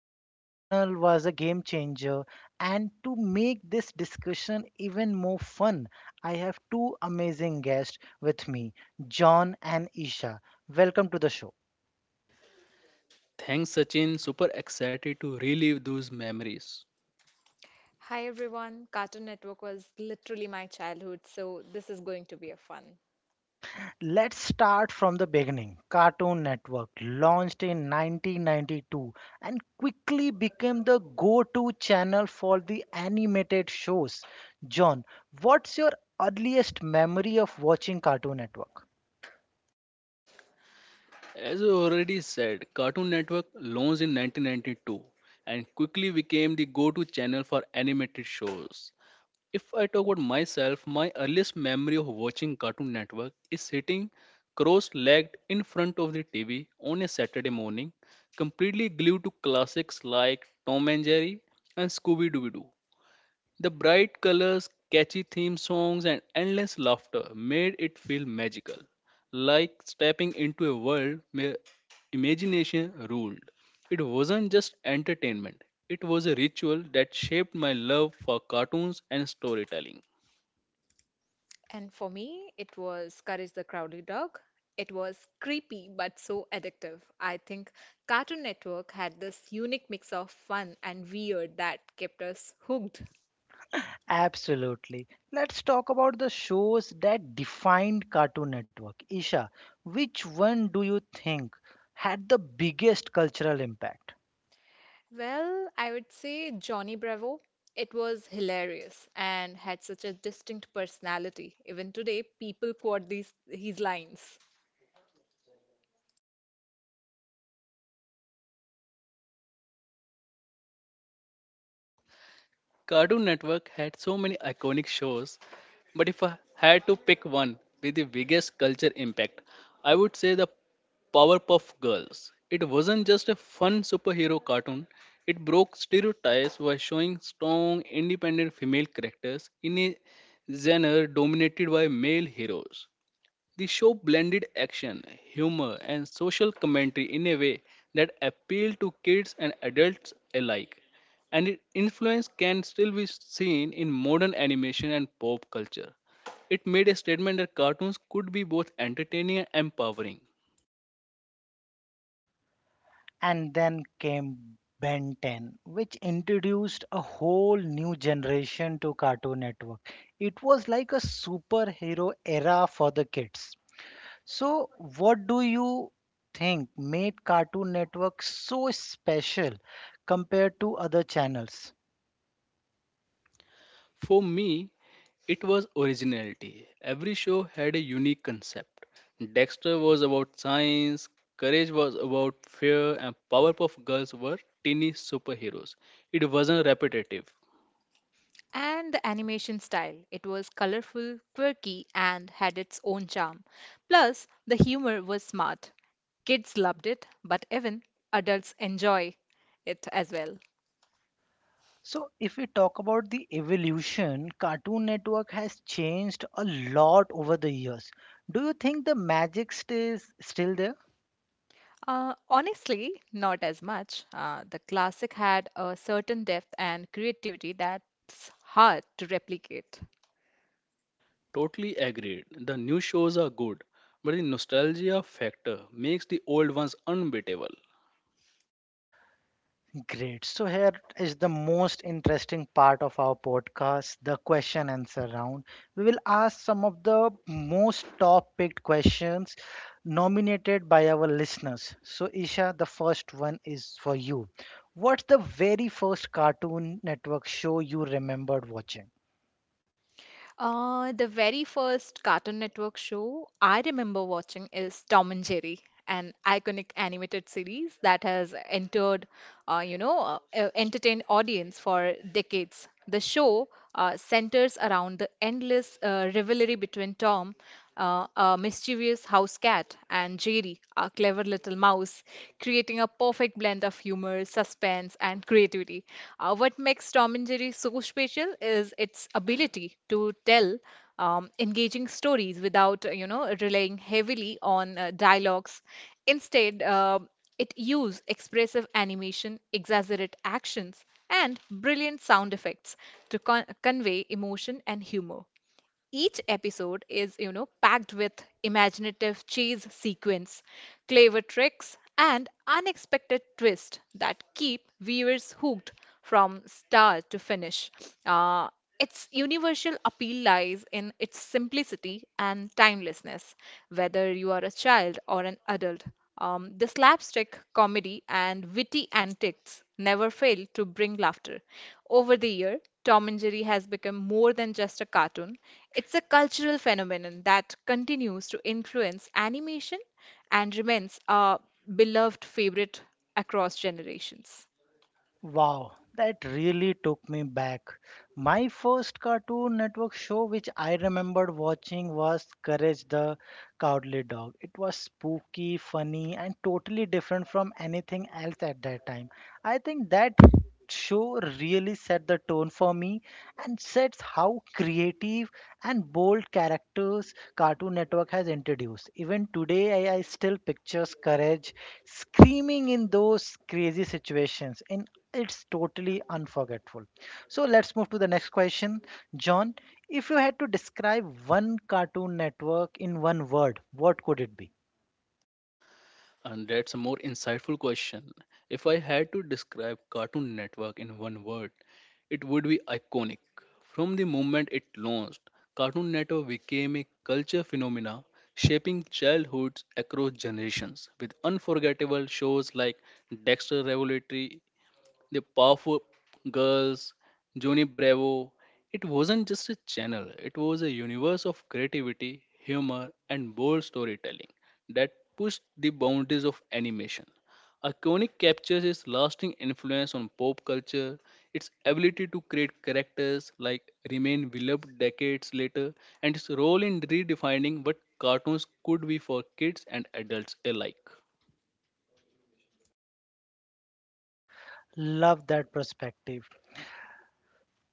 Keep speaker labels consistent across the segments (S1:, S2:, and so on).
S1: this channel was a game changer. And to make this discussion even more fun, I have two amazing guests with me, John and Isha. Welcome to the show.
S2: Thanks, Sachin. Super excited to relive those memories.
S3: Hi everyone, Cartoon Network was literally my childhood, so this is going to be a fun.
S1: Let's start from the beginning. Cartoon Network launched in 1992 and quickly became the go to channel for the animated shows. John, what's your earliest memory of watching Cartoon Network?
S2: As you already said, Cartoon Network launched in 1992 and quickly became the go to channel for animated shows. If I talk about myself, my earliest memory of watching Cartoon Network is sitting cross legged in front of the TV on a Saturday morning, completely glued to classics like Tom and Jerry and Scooby Doo Doo. The bright colors, catchy theme songs, and endless laughter made it feel magical, like stepping into a world where imagination ruled. It wasn't just entertainment, it was a ritual that shaped my love for cartoons and storytelling.
S3: And for me, it was Courage the Crowded Dog. It was creepy but so addictive. I think Cartoon Network had this unique mix of fun and weird that kept us hooked.
S1: Absolutely. Let's talk about the shows that defined Cartoon Network. Isha, which one do you think had the biggest cultural impact?
S3: Well, I would say Johnny Bravo. It was hilarious and had such a distinct personality. Even today, people quote these his lines.
S2: Cartoon Network had so many iconic shows, but if I had to pick one with the biggest culture impact, I would say the Powerpuff Girls. It wasn't just a fun superhero cartoon, it broke stereotypes by showing strong, independent female characters in a genre dominated by male heroes. The show blended action, humor, and social commentary in a way that appealed to kids and adults alike, and its influence can still be seen in modern animation and pop culture. It made a statement that cartoons could be both entertaining and empowering.
S1: And then came Ben 10, which introduced a whole new generation to Cartoon Network. It was like a superhero era for the kids. So, what do you think made Cartoon Network so special compared to other channels?
S2: For me, it was originality. Every show had a unique concept. Dexter was about science, Courage was about fear, and Powerpuff Girls were teeny superheroes. It wasn't repetitive.
S3: And the animation style. It was colorful, quirky, and had its own charm. Plus, the humor was smart. Kids loved it, but even adults enjoy it as well.
S1: So, if we talk about the evolution, Cartoon Network has changed a lot over the years. Do you think the magic stays still there?
S3: Honestly, not as much. The classic had a certain depth and creativity that's hard to replicate.
S2: Totally agreed. The new shows are good, but the nostalgia factor makes the old ones unbeatable.
S1: Great. So here is the most interesting part of our podcast, the question answer round. We will ask some of the most top picked questions nominated by our listeners. So Isha, the first one is for you. What's the very first Cartoon Network show you remembered watching?
S3: The very first Cartoon Network show I remember watching is Tom and Jerry, an iconic animated series that has entertained audience for decades. The show centers around the endless rivalry between Tom, a mischievous house cat, and Jerry, a clever little mouse, creating a perfect blend of humor, suspense, and creativity. What makes Tom and Jerry so special is its ability to tell engaging stories without, relying heavily on dialogues. Instead, it uses expressive animation, exaggerate actions, and brilliant sound effects to convey emotion and humor. Each episode is packed with imaginative chase sequence, clever tricks, and unexpected twists that keep viewers hooked from start to finish. Uh, its universal appeal lies in its simplicity and timelessness, whether you are a child or an adult. The slapstick comedy and witty antics never fail to bring laughter. Over the year, Tom and Jerry has become more than just a cartoon. It's a cultural phenomenon that continues to influence animation and remains a beloved favorite across generations.
S1: Wow, that really took me back. My first Cartoon Network show which I remembered watching was Courage the Cowardly Dog. It was spooky, funny, and totally different from anything else at that time. I think that show really set the tone for me and sets how creative and bold characters Cartoon Network has introduced. Even today, I still pictures Courage screaming in those crazy situations in it's totally unforgettable. So let's move to the next question. John, if you had to describe one Cartoon Network in one word, what could it be?
S2: And that's a more insightful question. If I had to describe Cartoon Network in one word, it would be iconic. From the moment it launched, Cartoon Network became a culture phenomena, shaping childhoods across generations with unforgettable shows like Dexter Revolutionary, the powerful girls, Johnny Bravo. It wasn't just a channel, it was a universe of creativity, humor, and bold storytelling that pushed the boundaries of animation. Iconic captures its lasting influence on pop culture, its ability to create characters like remain beloved decades later, and its role in redefining what cartoons could be for kids and adults alike.
S1: Love that perspective.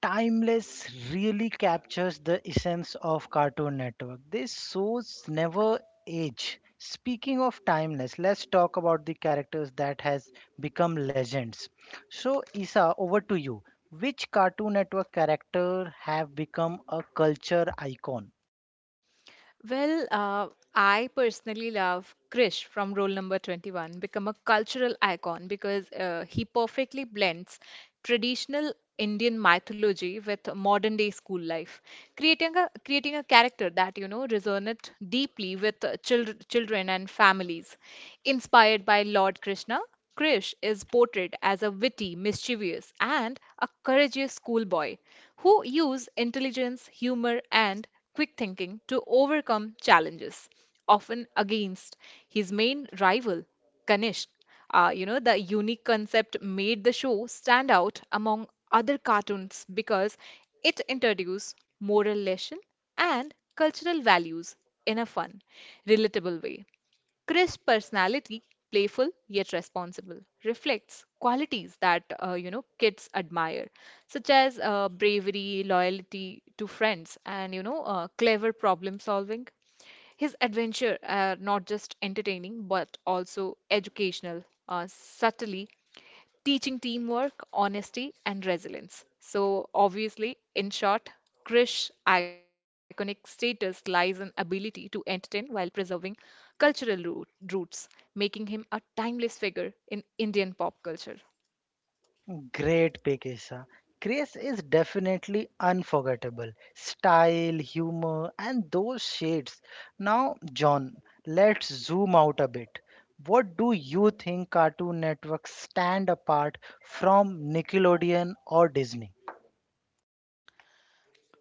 S1: Timeless really captures the essence of Cartoon Network. These shows never age. Speaking of timeless, let's talk about the characters that has become legends. So, Isa, over to you. Which Cartoon Network character have become a culture icon?
S3: Well, I personally love Krish from Rule Number 21, become a cultural icon because he perfectly blends traditional Indian mythology with modern day school life, creating a character that resonates deeply with children and families. Inspired by Lord Krishna, Krish is portrayed as a witty, mischievous, and a courageous schoolboy who use intelligence, humor, and quick thinking to overcome challenges, often against his main rival, Kanishk. The unique concept made the show stand out among other cartoons because it introduced moral lesson and cultural values in a fun, relatable way. Chris' personality, playful yet responsible, reflects qualities that kids admire, such as bravery, loyalty to friends, and clever problem solving. His adventure are not just entertaining but also educational, subtly teaching teamwork, honesty, and resilience. So, obviously, in short, Krish's iconic status lies in ability to entertain while preserving cultural roots, making him a timeless figure in Indian pop culture.
S1: Great pick, Isa. Grace is definitely unforgettable. Style, humor, and those shades. Now, John, let's zoom out a bit. What do you think Cartoon Network stand apart from Nickelodeon or Disney?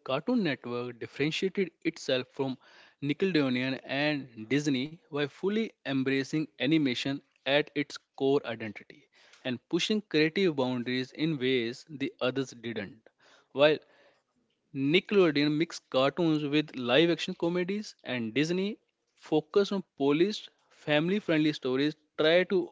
S2: Cartoon Network differentiated itself from Nickelodeon and Disney by fully embracing animation at its core identity and pushing creative boundaries in ways the others didn't. While Nickelodeon mixed cartoons with live action comedies, and Disney focused on polished, family friendly stories Try to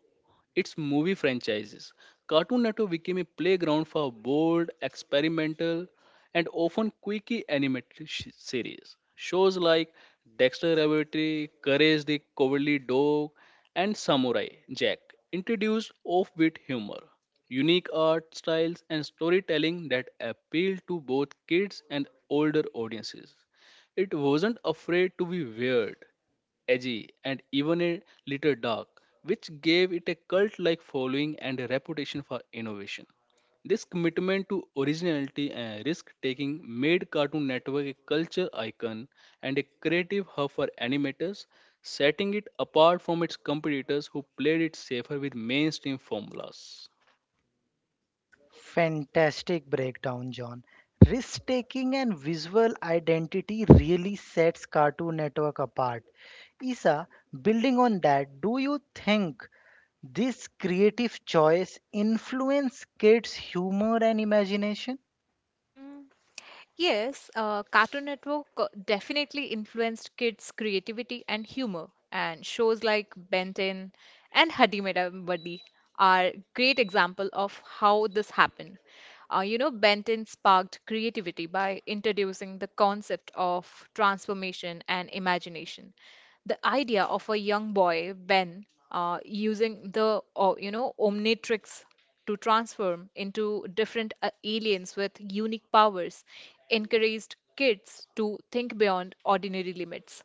S2: its movie franchises. Cartoon Network became a playground for bold, experimental, and often quirky animated series. Shows like Dexter Laboratory, Courage the Cowardly Dog, and Samurai Jack introduced offbeat humor, unique art styles, and storytelling that appealed to both kids and older audiences. It wasn't afraid to be weird, edgy, and even a little dark, which gave it a cult like following and a reputation for innovation. This commitment to originality and risk taking made Cartoon Network a culture icon and a creative hub for animators, setting it apart from its competitors who played it safer with mainstream formulas.
S1: Fantastic breakdown, John. Risk taking and visual identity really sets Cartoon Network apart. Isa, building on that, do you think this creative choice influence kids' humor and imagination.
S3: Yes, Cartoon Network definitely influenced kids' creativity and humor, and shows like Ben 10 and Hadi Mera Buddy are great example of how this happened. Ben 10 sparked creativity by introducing the concept of transformation and imagination. The idea of a young boy, Ben, using the, Omnitrix to transform into different aliens with unique powers encouraged kids to think beyond ordinary limits.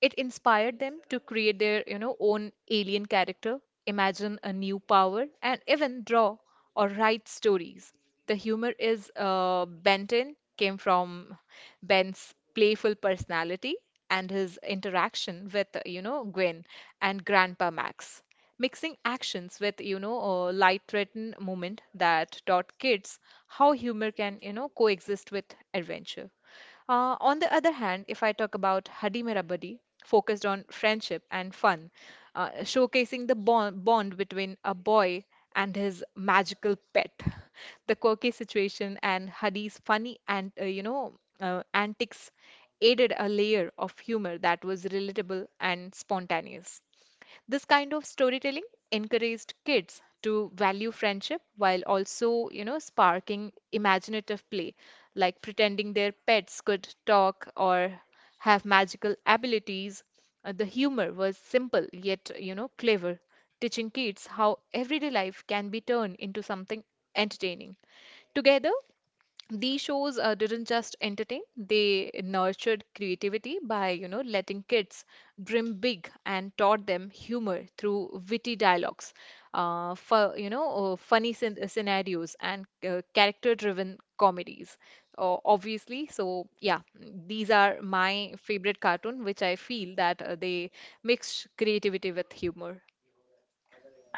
S3: It inspired them to create their, own alien character, imagine a new power, and even draw or write stories. The humor is bent came from Ben's playful personality and his interaction with, Gwen and Grandpa Max. Mixing actions with, a light threatened moment that taught kids how humor can, coexist with adventure. On the other hand, if I talk about Hadi Mera Badi, focused on friendship and fun, showcasing the bond between a boy and his magical pet. The quirky situation and Hadi's funny and antics added a layer of humor that was relatable and spontaneous. This kind of storytelling encouraged kids to value friendship while also, sparking imaginative play, like pretending their pets could talk or have magical abilities. The humor was simple yet, clever, teaching kids how everyday life can be turned into something entertaining. Together, these shows didn't just entertain, they nurtured creativity by, letting kids dream big, and taught them humor through witty dialogues, for, funny scenarios and character-driven comedies. Obviously, so yeah, these are my favorite cartoon, which I feel that they mix creativity with humor.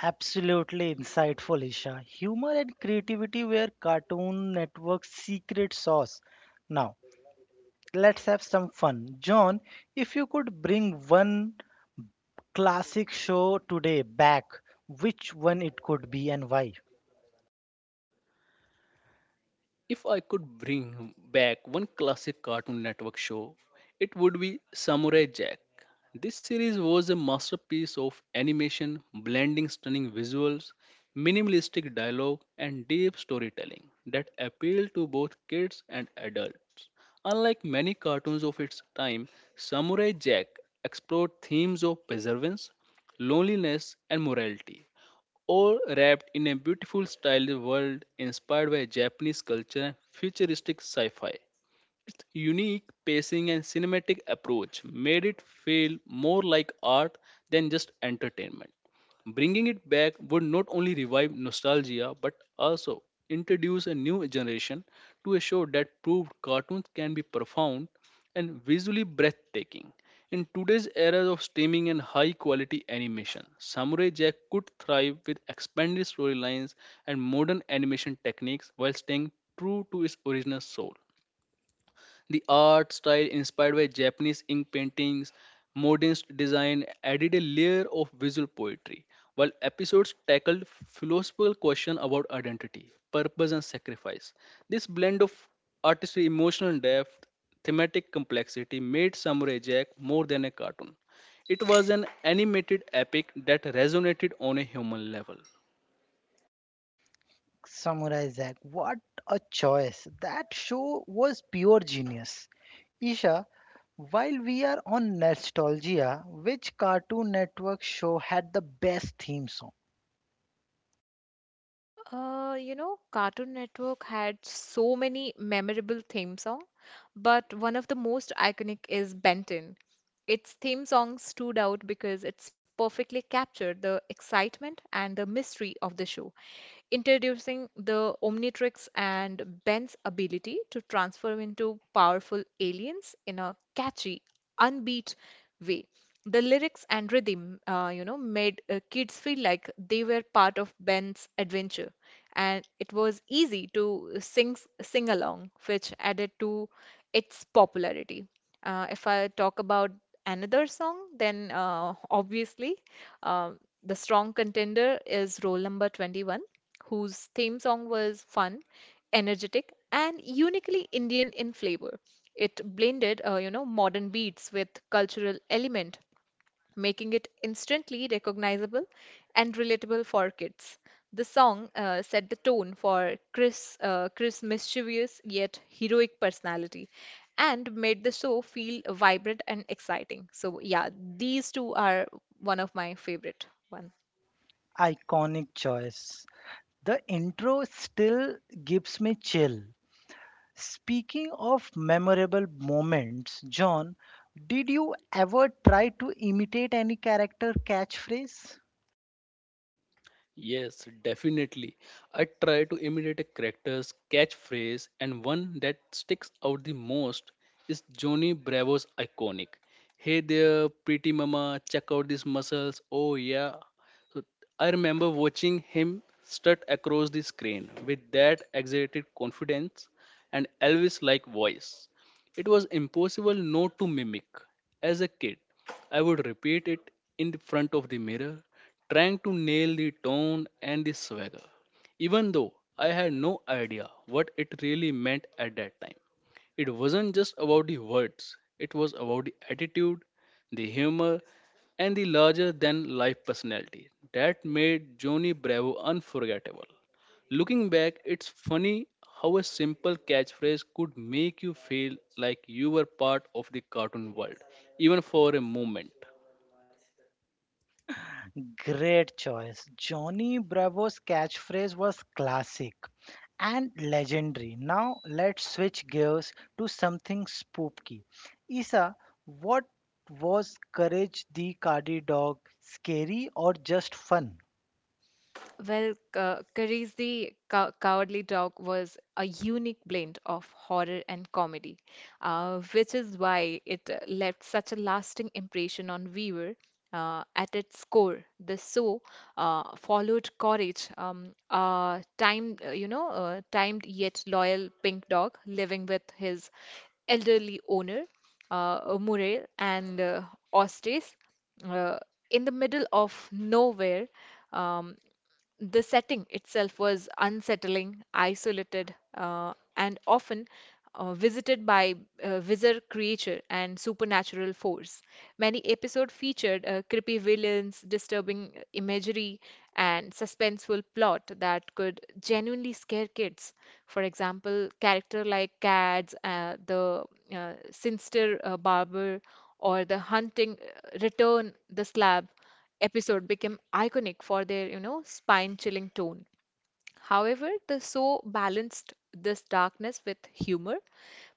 S1: Absolutely insightful, Isha. Humor and creativity were Cartoon Network's secret sauce. Now, let's have some fun. John, if you could bring one classic show today back, which one it could be and why?
S2: If I could bring back one classic Cartoon Network show, it would be Samurai Jack. This series was a masterpiece of animation, blending stunning visuals, minimalistic dialogue, and deep storytelling that appealed to both kids and adults. Unlike many cartoons of its time, Samurai Jack explored themes of perseverance, loneliness, and morality, all wrapped in a beautiful styled world inspired by Japanese culture and futuristic sci fi. Its unique pacing and cinematic approach made it feel more like art than just entertainment. Bringing it back would not only revive nostalgia but also introduce a new generation to a show that proved cartoons can be profound and visually breathtaking. In today's era of streaming and high quality animation, Samurai Jack could thrive with expanded storylines and modern animation techniques while staying true to its original soul. The art style inspired by Japanese ink paintings, modernist design added a layer of visual poetry, while episodes tackled philosophical questions about identity, purpose, and sacrifice. This blend of artistry, emotional depth, thematic complexity made Samurai Jack more than a cartoon. It was an animated epic that resonated on a human level.
S1: Samurai Zack. What a choice! That show was pure genius. Isha, while we are on nostalgia, which Cartoon Network show had the best theme song?
S3: Cartoon Network had so many memorable theme songs, but one of the most iconic is Ben 10. Its theme song stood out because it's perfectly captured the excitement and the mystery of the show, introducing the Omnitrix and Ben's ability to transform into powerful aliens in a catchy, unbeat way. The lyrics and rhythm, made kids feel like they were part of Ben's adventure, and it was easy to sing along, which added to its popularity. If I talk about another song, then obviously um the strong contender is Roll Number 21, whose theme song was fun, energetic, and uniquely Indian in flavor. It blended, modern beats with cultural element, making it instantly recognizable and relatable for kids. The song set the tone for Chris' mischievous yet heroic personality, and made the show feel vibrant and exciting. So, yeah, these two are one of my favorite ones.
S1: Iconic choice. The intro still gives me chill. Speaking of memorable moments, John, did you ever try to imitate any character catchphrase?
S2: Yes, definitely. I try to imitate a character's catchphrase, and one that sticks out the most is Johnny Bravo's iconic. Hey there, pretty mama, check out these muscles. Oh, yeah. So I remember watching him strut across the screen with that exaggerated confidence and Elvis like voice. It was impossible not to mimic as a kid. I would repeat it in the front of the mirror, trying to nail the tone and the swagger, even though I had no idea what it really meant at that time. It wasn't just about the words, it was about the attitude, the humor, and the larger than life personality that made Johnny Bravo unforgettable. Looking back, it's funny how a simple catchphrase could make you feel like you were part of the cartoon world, even for a moment.
S1: Great choice. Johnny Bravo's catchphrase was classic and legendary. Now let's switch gears to something spooky. Isa, what was Courage the Cardi Dog scary or just fun?
S3: Well, Kari's The Cowardly Dog was a unique blend of horror and comedy, which is why it left such a lasting impression on viewer. At its core, the show followed Courage, a timed yet loyal pink dog living with his elderly owner, Muriel, and Ostace, uh, in the middle of nowhere. Um, the setting itself was unsettling, isolated, and often visited by wizard creature and supernatural force. Many episodes featured creepy villains, disturbing imagery, and suspenseful plot that could genuinely scare kids. For example, character like Cats, the sinister barber, or the hunting return the slab episode became iconic for their, spine chilling tone. However, the show balanced this darkness with humor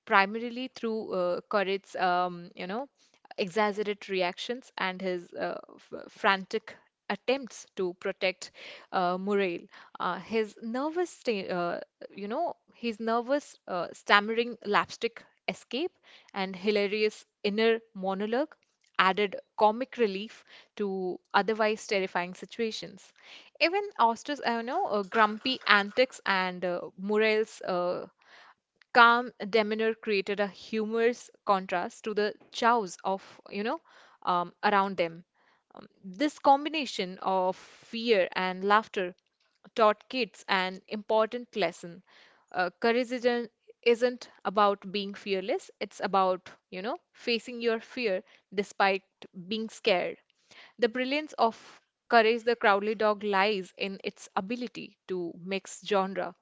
S3: primarily through Corrit's, exaggerated reactions and his frantic attempts to protect Muriel. His nervous, stammering lapstick escape and hilarious inner monologue added comic relief to otherwise terrifying situations. Even Auster's, I know, grumpy antics and Muriel's calm demeanor created a humorous contrast to the chows of, around them. This combination of fear and laughter taught kids an important lesson. Courage isn't about being fearless, it's about, facing your fear despite being scared. The brilliance of Courage the Crowley Dog lies in its ability to mix genre.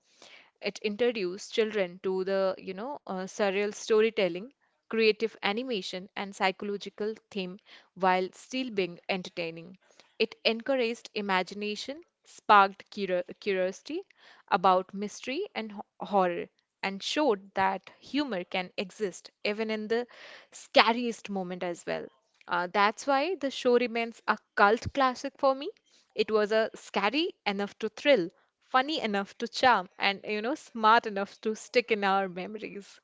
S3: It introduced children to the, surreal storytelling, creative animation, and psychological theme while still being entertaining. It encouraged imagination, sparked curiosity about mystery and horror, and showed that humor can exist even in the scariest moment as well. That's why the show remains a cult classic for me. It was a scary enough to thrill, funny enough to charm, and, smart enough to stick in our memories.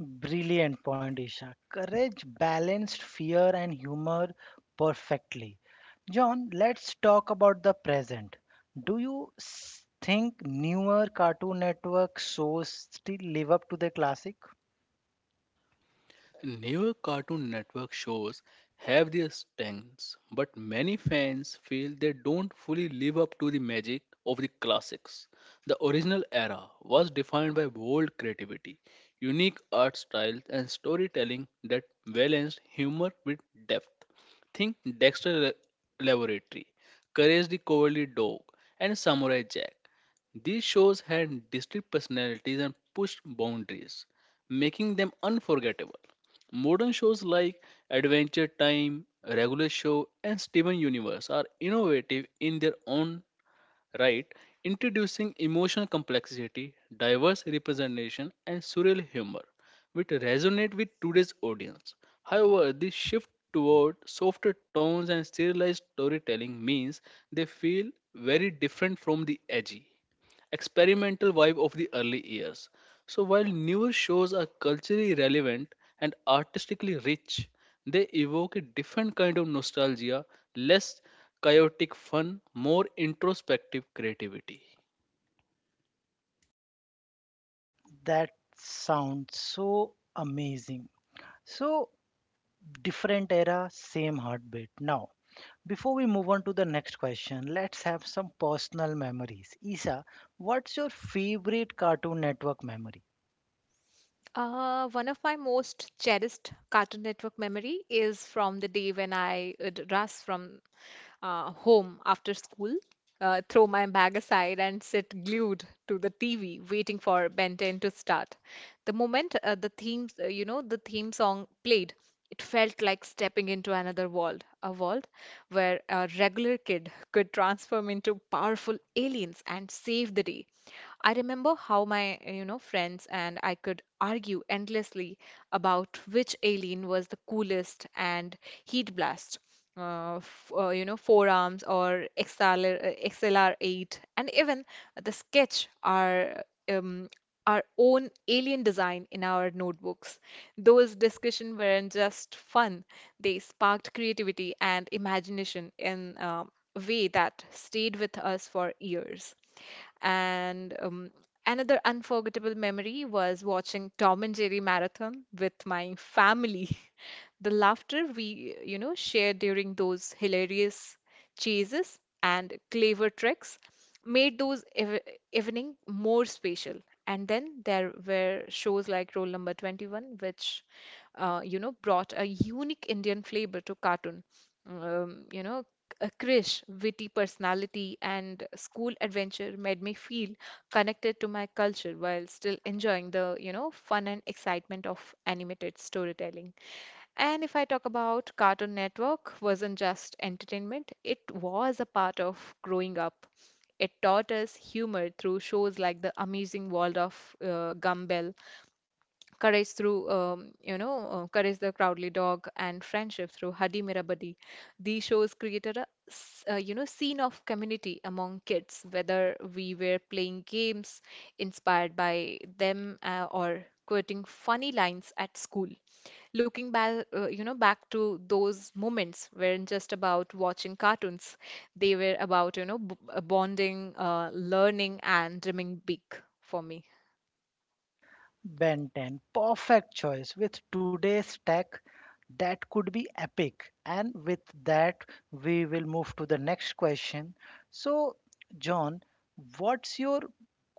S1: Brilliant point, Isha. Courage balanced fear and humor perfectly. John, let's talk about the present. Do you think newer Cartoon Network shows still live up to the classic?
S2: Newer Cartoon Network shows have their strengths, but many fans feel they don't fully live up to the magic of the classics. The original era was defined by bold creativity, unique art styles, and storytelling that balanced humor with depth. Think Laboratory, Courage the Cowardly Dog, and Samurai Jack. These shows had distinct personalities and pushed boundaries, making them unforgettable. Modern shows like Adventure Time, Regular Show, and Steven Universe are innovative in their own right, introducing emotional complexity, diverse representation, and surreal humor, which resonate with today's audience. However, this shift toward softer tones and serialized storytelling means they feel very different from the edgy, experimental vibe of the early years. So while newer shows are culturally relevant and artistically rich, they evoke a different kind of nostalgia, less chaotic fun, more introspective creativity.
S1: That sounds so amazing. So, different era, same heartbeat. Now, before we move on to the next question, let's have some personal memories. Isa, what's your favorite Cartoon Network memory?
S3: One of my most cherished Cartoon Network memory is from the day when I would rush from home after school, throw my bag aside, and sit glued to the TV, waiting for Ben 10 to start. The moment the theme song played. It felt like stepping into another world, a world where a regular kid could transform into powerful aliens and save the day. I remember how my, friends and I could argue endlessly about which alien was the coolest, and he'd blast forearms or XLR8, and even the sketch are um, our own alien design in our notebooks. Those discussions weren't just fun, they sparked creativity and imagination in a way that stayed with us for years. And another unforgettable memory was watching Tom and Jerry marathon with my family. The laughter we, shared during those hilarious chases and clever tricks made those ev evening more special. And then there were shows like Roll Number 21, which, brought a unique Indian flavor to cartoon. Um, you know, a Krish, witty personality and school adventure made me feel connected to my culture while still enjoying the, fun and excitement of animated storytelling. And if I talk about Cartoon Network wasn't just entertainment, it was a part of growing up. It taught us humor through shows like The Amazing World of Gumball, courage through Courage the Crowdly Dog, and friendship through Hadi Mera Buddy. These shows created a scene of community among kids, whether we were playing games inspired by them or quoting funny lines at school. Looking back, back to those moments weren't just about watching cartoons, they were about bonding, learning, and dreaming big for me.
S1: Ben 10, perfect choice. With today's tech, that could be epic. And with that, we will move to the next question. So, John, what's your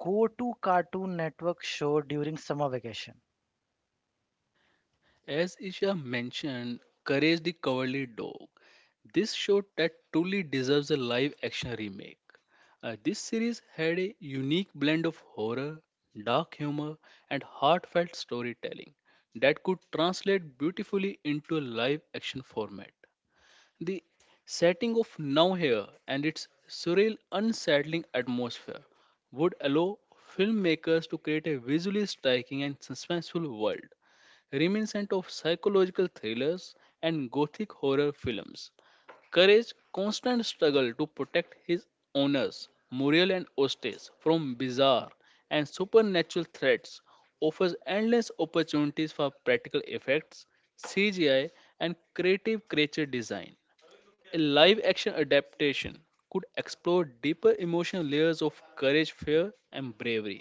S1: go to Cartoon Network show during summer vacation?
S2: As Isha mentioned, Courage the Cowardly Dog. This show that truly deserves a live action remake. This series had a unique blend of horror, dark humor, and heartfelt storytelling that could translate beautifully into a live action format. The setting of Now Here and its surreal, unsettling atmosphere would allow filmmakers to create a visually striking and suspenseful world, reminiscent of psychological thrillers and gothic horror films. Courage's constant struggle to protect his owners, Muriel and Ostes, from bizarre and supernatural threats offers endless opportunities for practical effects, CGI, and creative creature design. A live action adaptation could explore deeper emotional layers of courage, fear, and bravery,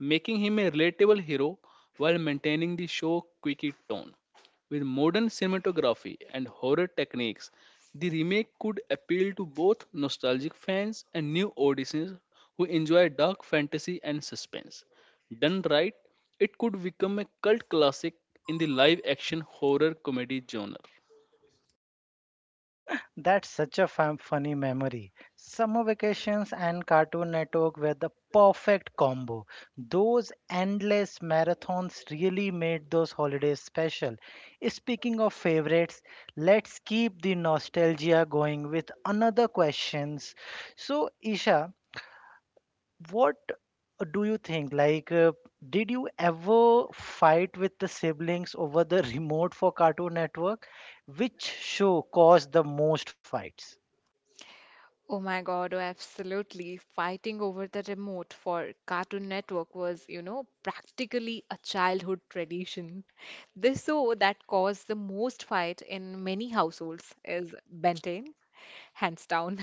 S2: making him a relatable hero while maintaining the show's quirky tone. With modern cinematography and horror techniques, the remake could appeal to both nostalgic fans and new audiences who enjoy dark fantasy and suspense. Done right, it could become a cult classic in the live action horror comedy genre.
S1: That's such a fun, funny memory. Summer vacations and Cartoon Network were the perfect combo. Those endless marathons really made those holidays special. Speaking of favorites, let's keep the nostalgia going with another questions. So, Isha, what do you think? Did you ever fight with the siblings over the remote for Cartoon Network? Which show caused the most fights?
S3: Oh my God, oh, absolutely. Fighting over the remote for Cartoon Network was, practically a childhood tradition. The show that caused the most fight in many households is Ben 10, hands down.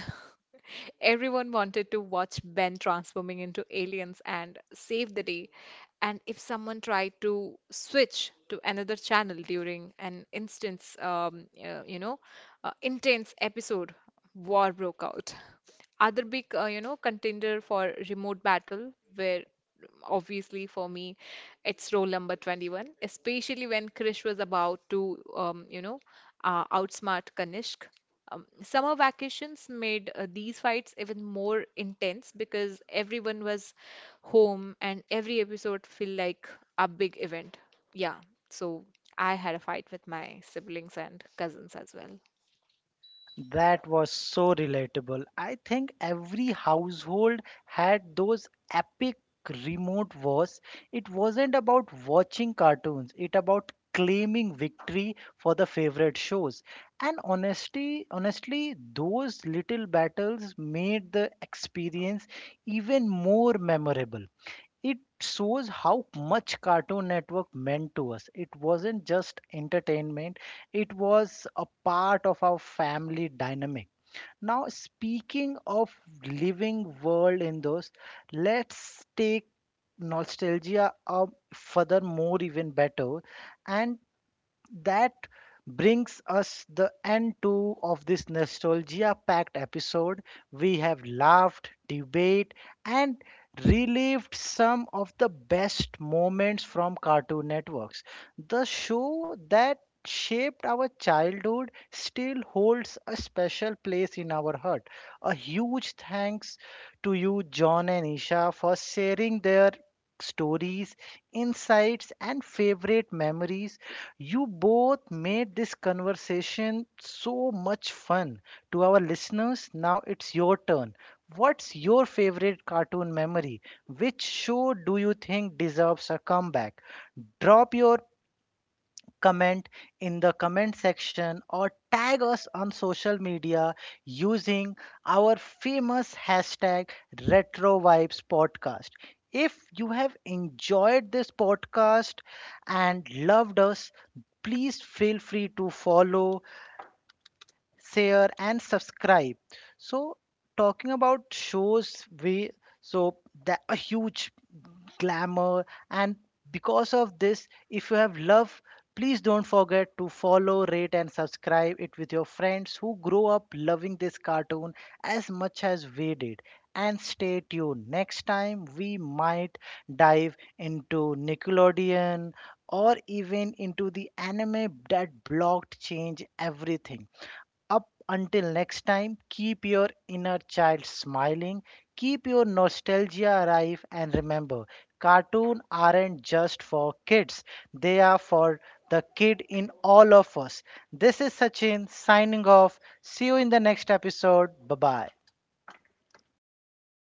S3: Everyone wanted to watch Ben transforming into aliens and save the day. And if someone tried to switch to another channel during an instance, intense episode, war broke out. Other big, contender for remote battle were obviously for me, it's role number 21, especially when Krish was about to, outsmart Kanishk. Summer vacations made these fights even more intense because everyone was home and every episode felt like a big event. Yeah, so I had a fight with my siblings and cousins as well.
S1: That was so relatable. I think every household had those epic remote wars. It wasn't about watching cartoons, it about claiming victory for the favorite shows. And honestly, those little battles made the experience even more memorable. It shows how much Cartoon Network meant to us. It wasn't just entertainment, it was a part of our family dynamic. Now, speaking of living world in those, let's take nostalgia a further more even better, and that brings us the end to of this nostalgia packed episode. We have laughed, debate, and relived some of the best moments from Cartoon Networks. The show that shaped our childhood still holds a special place in our heart. A huge thanks to you, John and Isha, for sharing their stories, insights, and favorite memories. You both made this conversation so much fun. To our listeners, now it's your turn. What's your favorite cartoon memory? Which show do you think deserves a comeback? Drop your comment in the comment section or tag us on social media using our famous hashtag RetroVibesPodcast. If you have enjoyed this podcast and loved us, please feel free to follow, share, and subscribe. So, talking about shows, we so that a huge glamour. And because of this, if you have love, please don't forget to follow, rate, and subscribe it with your friends who grow up loving this cartoon as much as we did. And stay tuned. Next time, we might dive into Nickelodeon or even into the anime that blocked change everything. Up until next time, keep your inner child smiling, keep your nostalgia alive, and remember cartoons aren't just for kids, they are for the kid in all of us. This is Sachin signing off. See you in the next episode. Bye bye.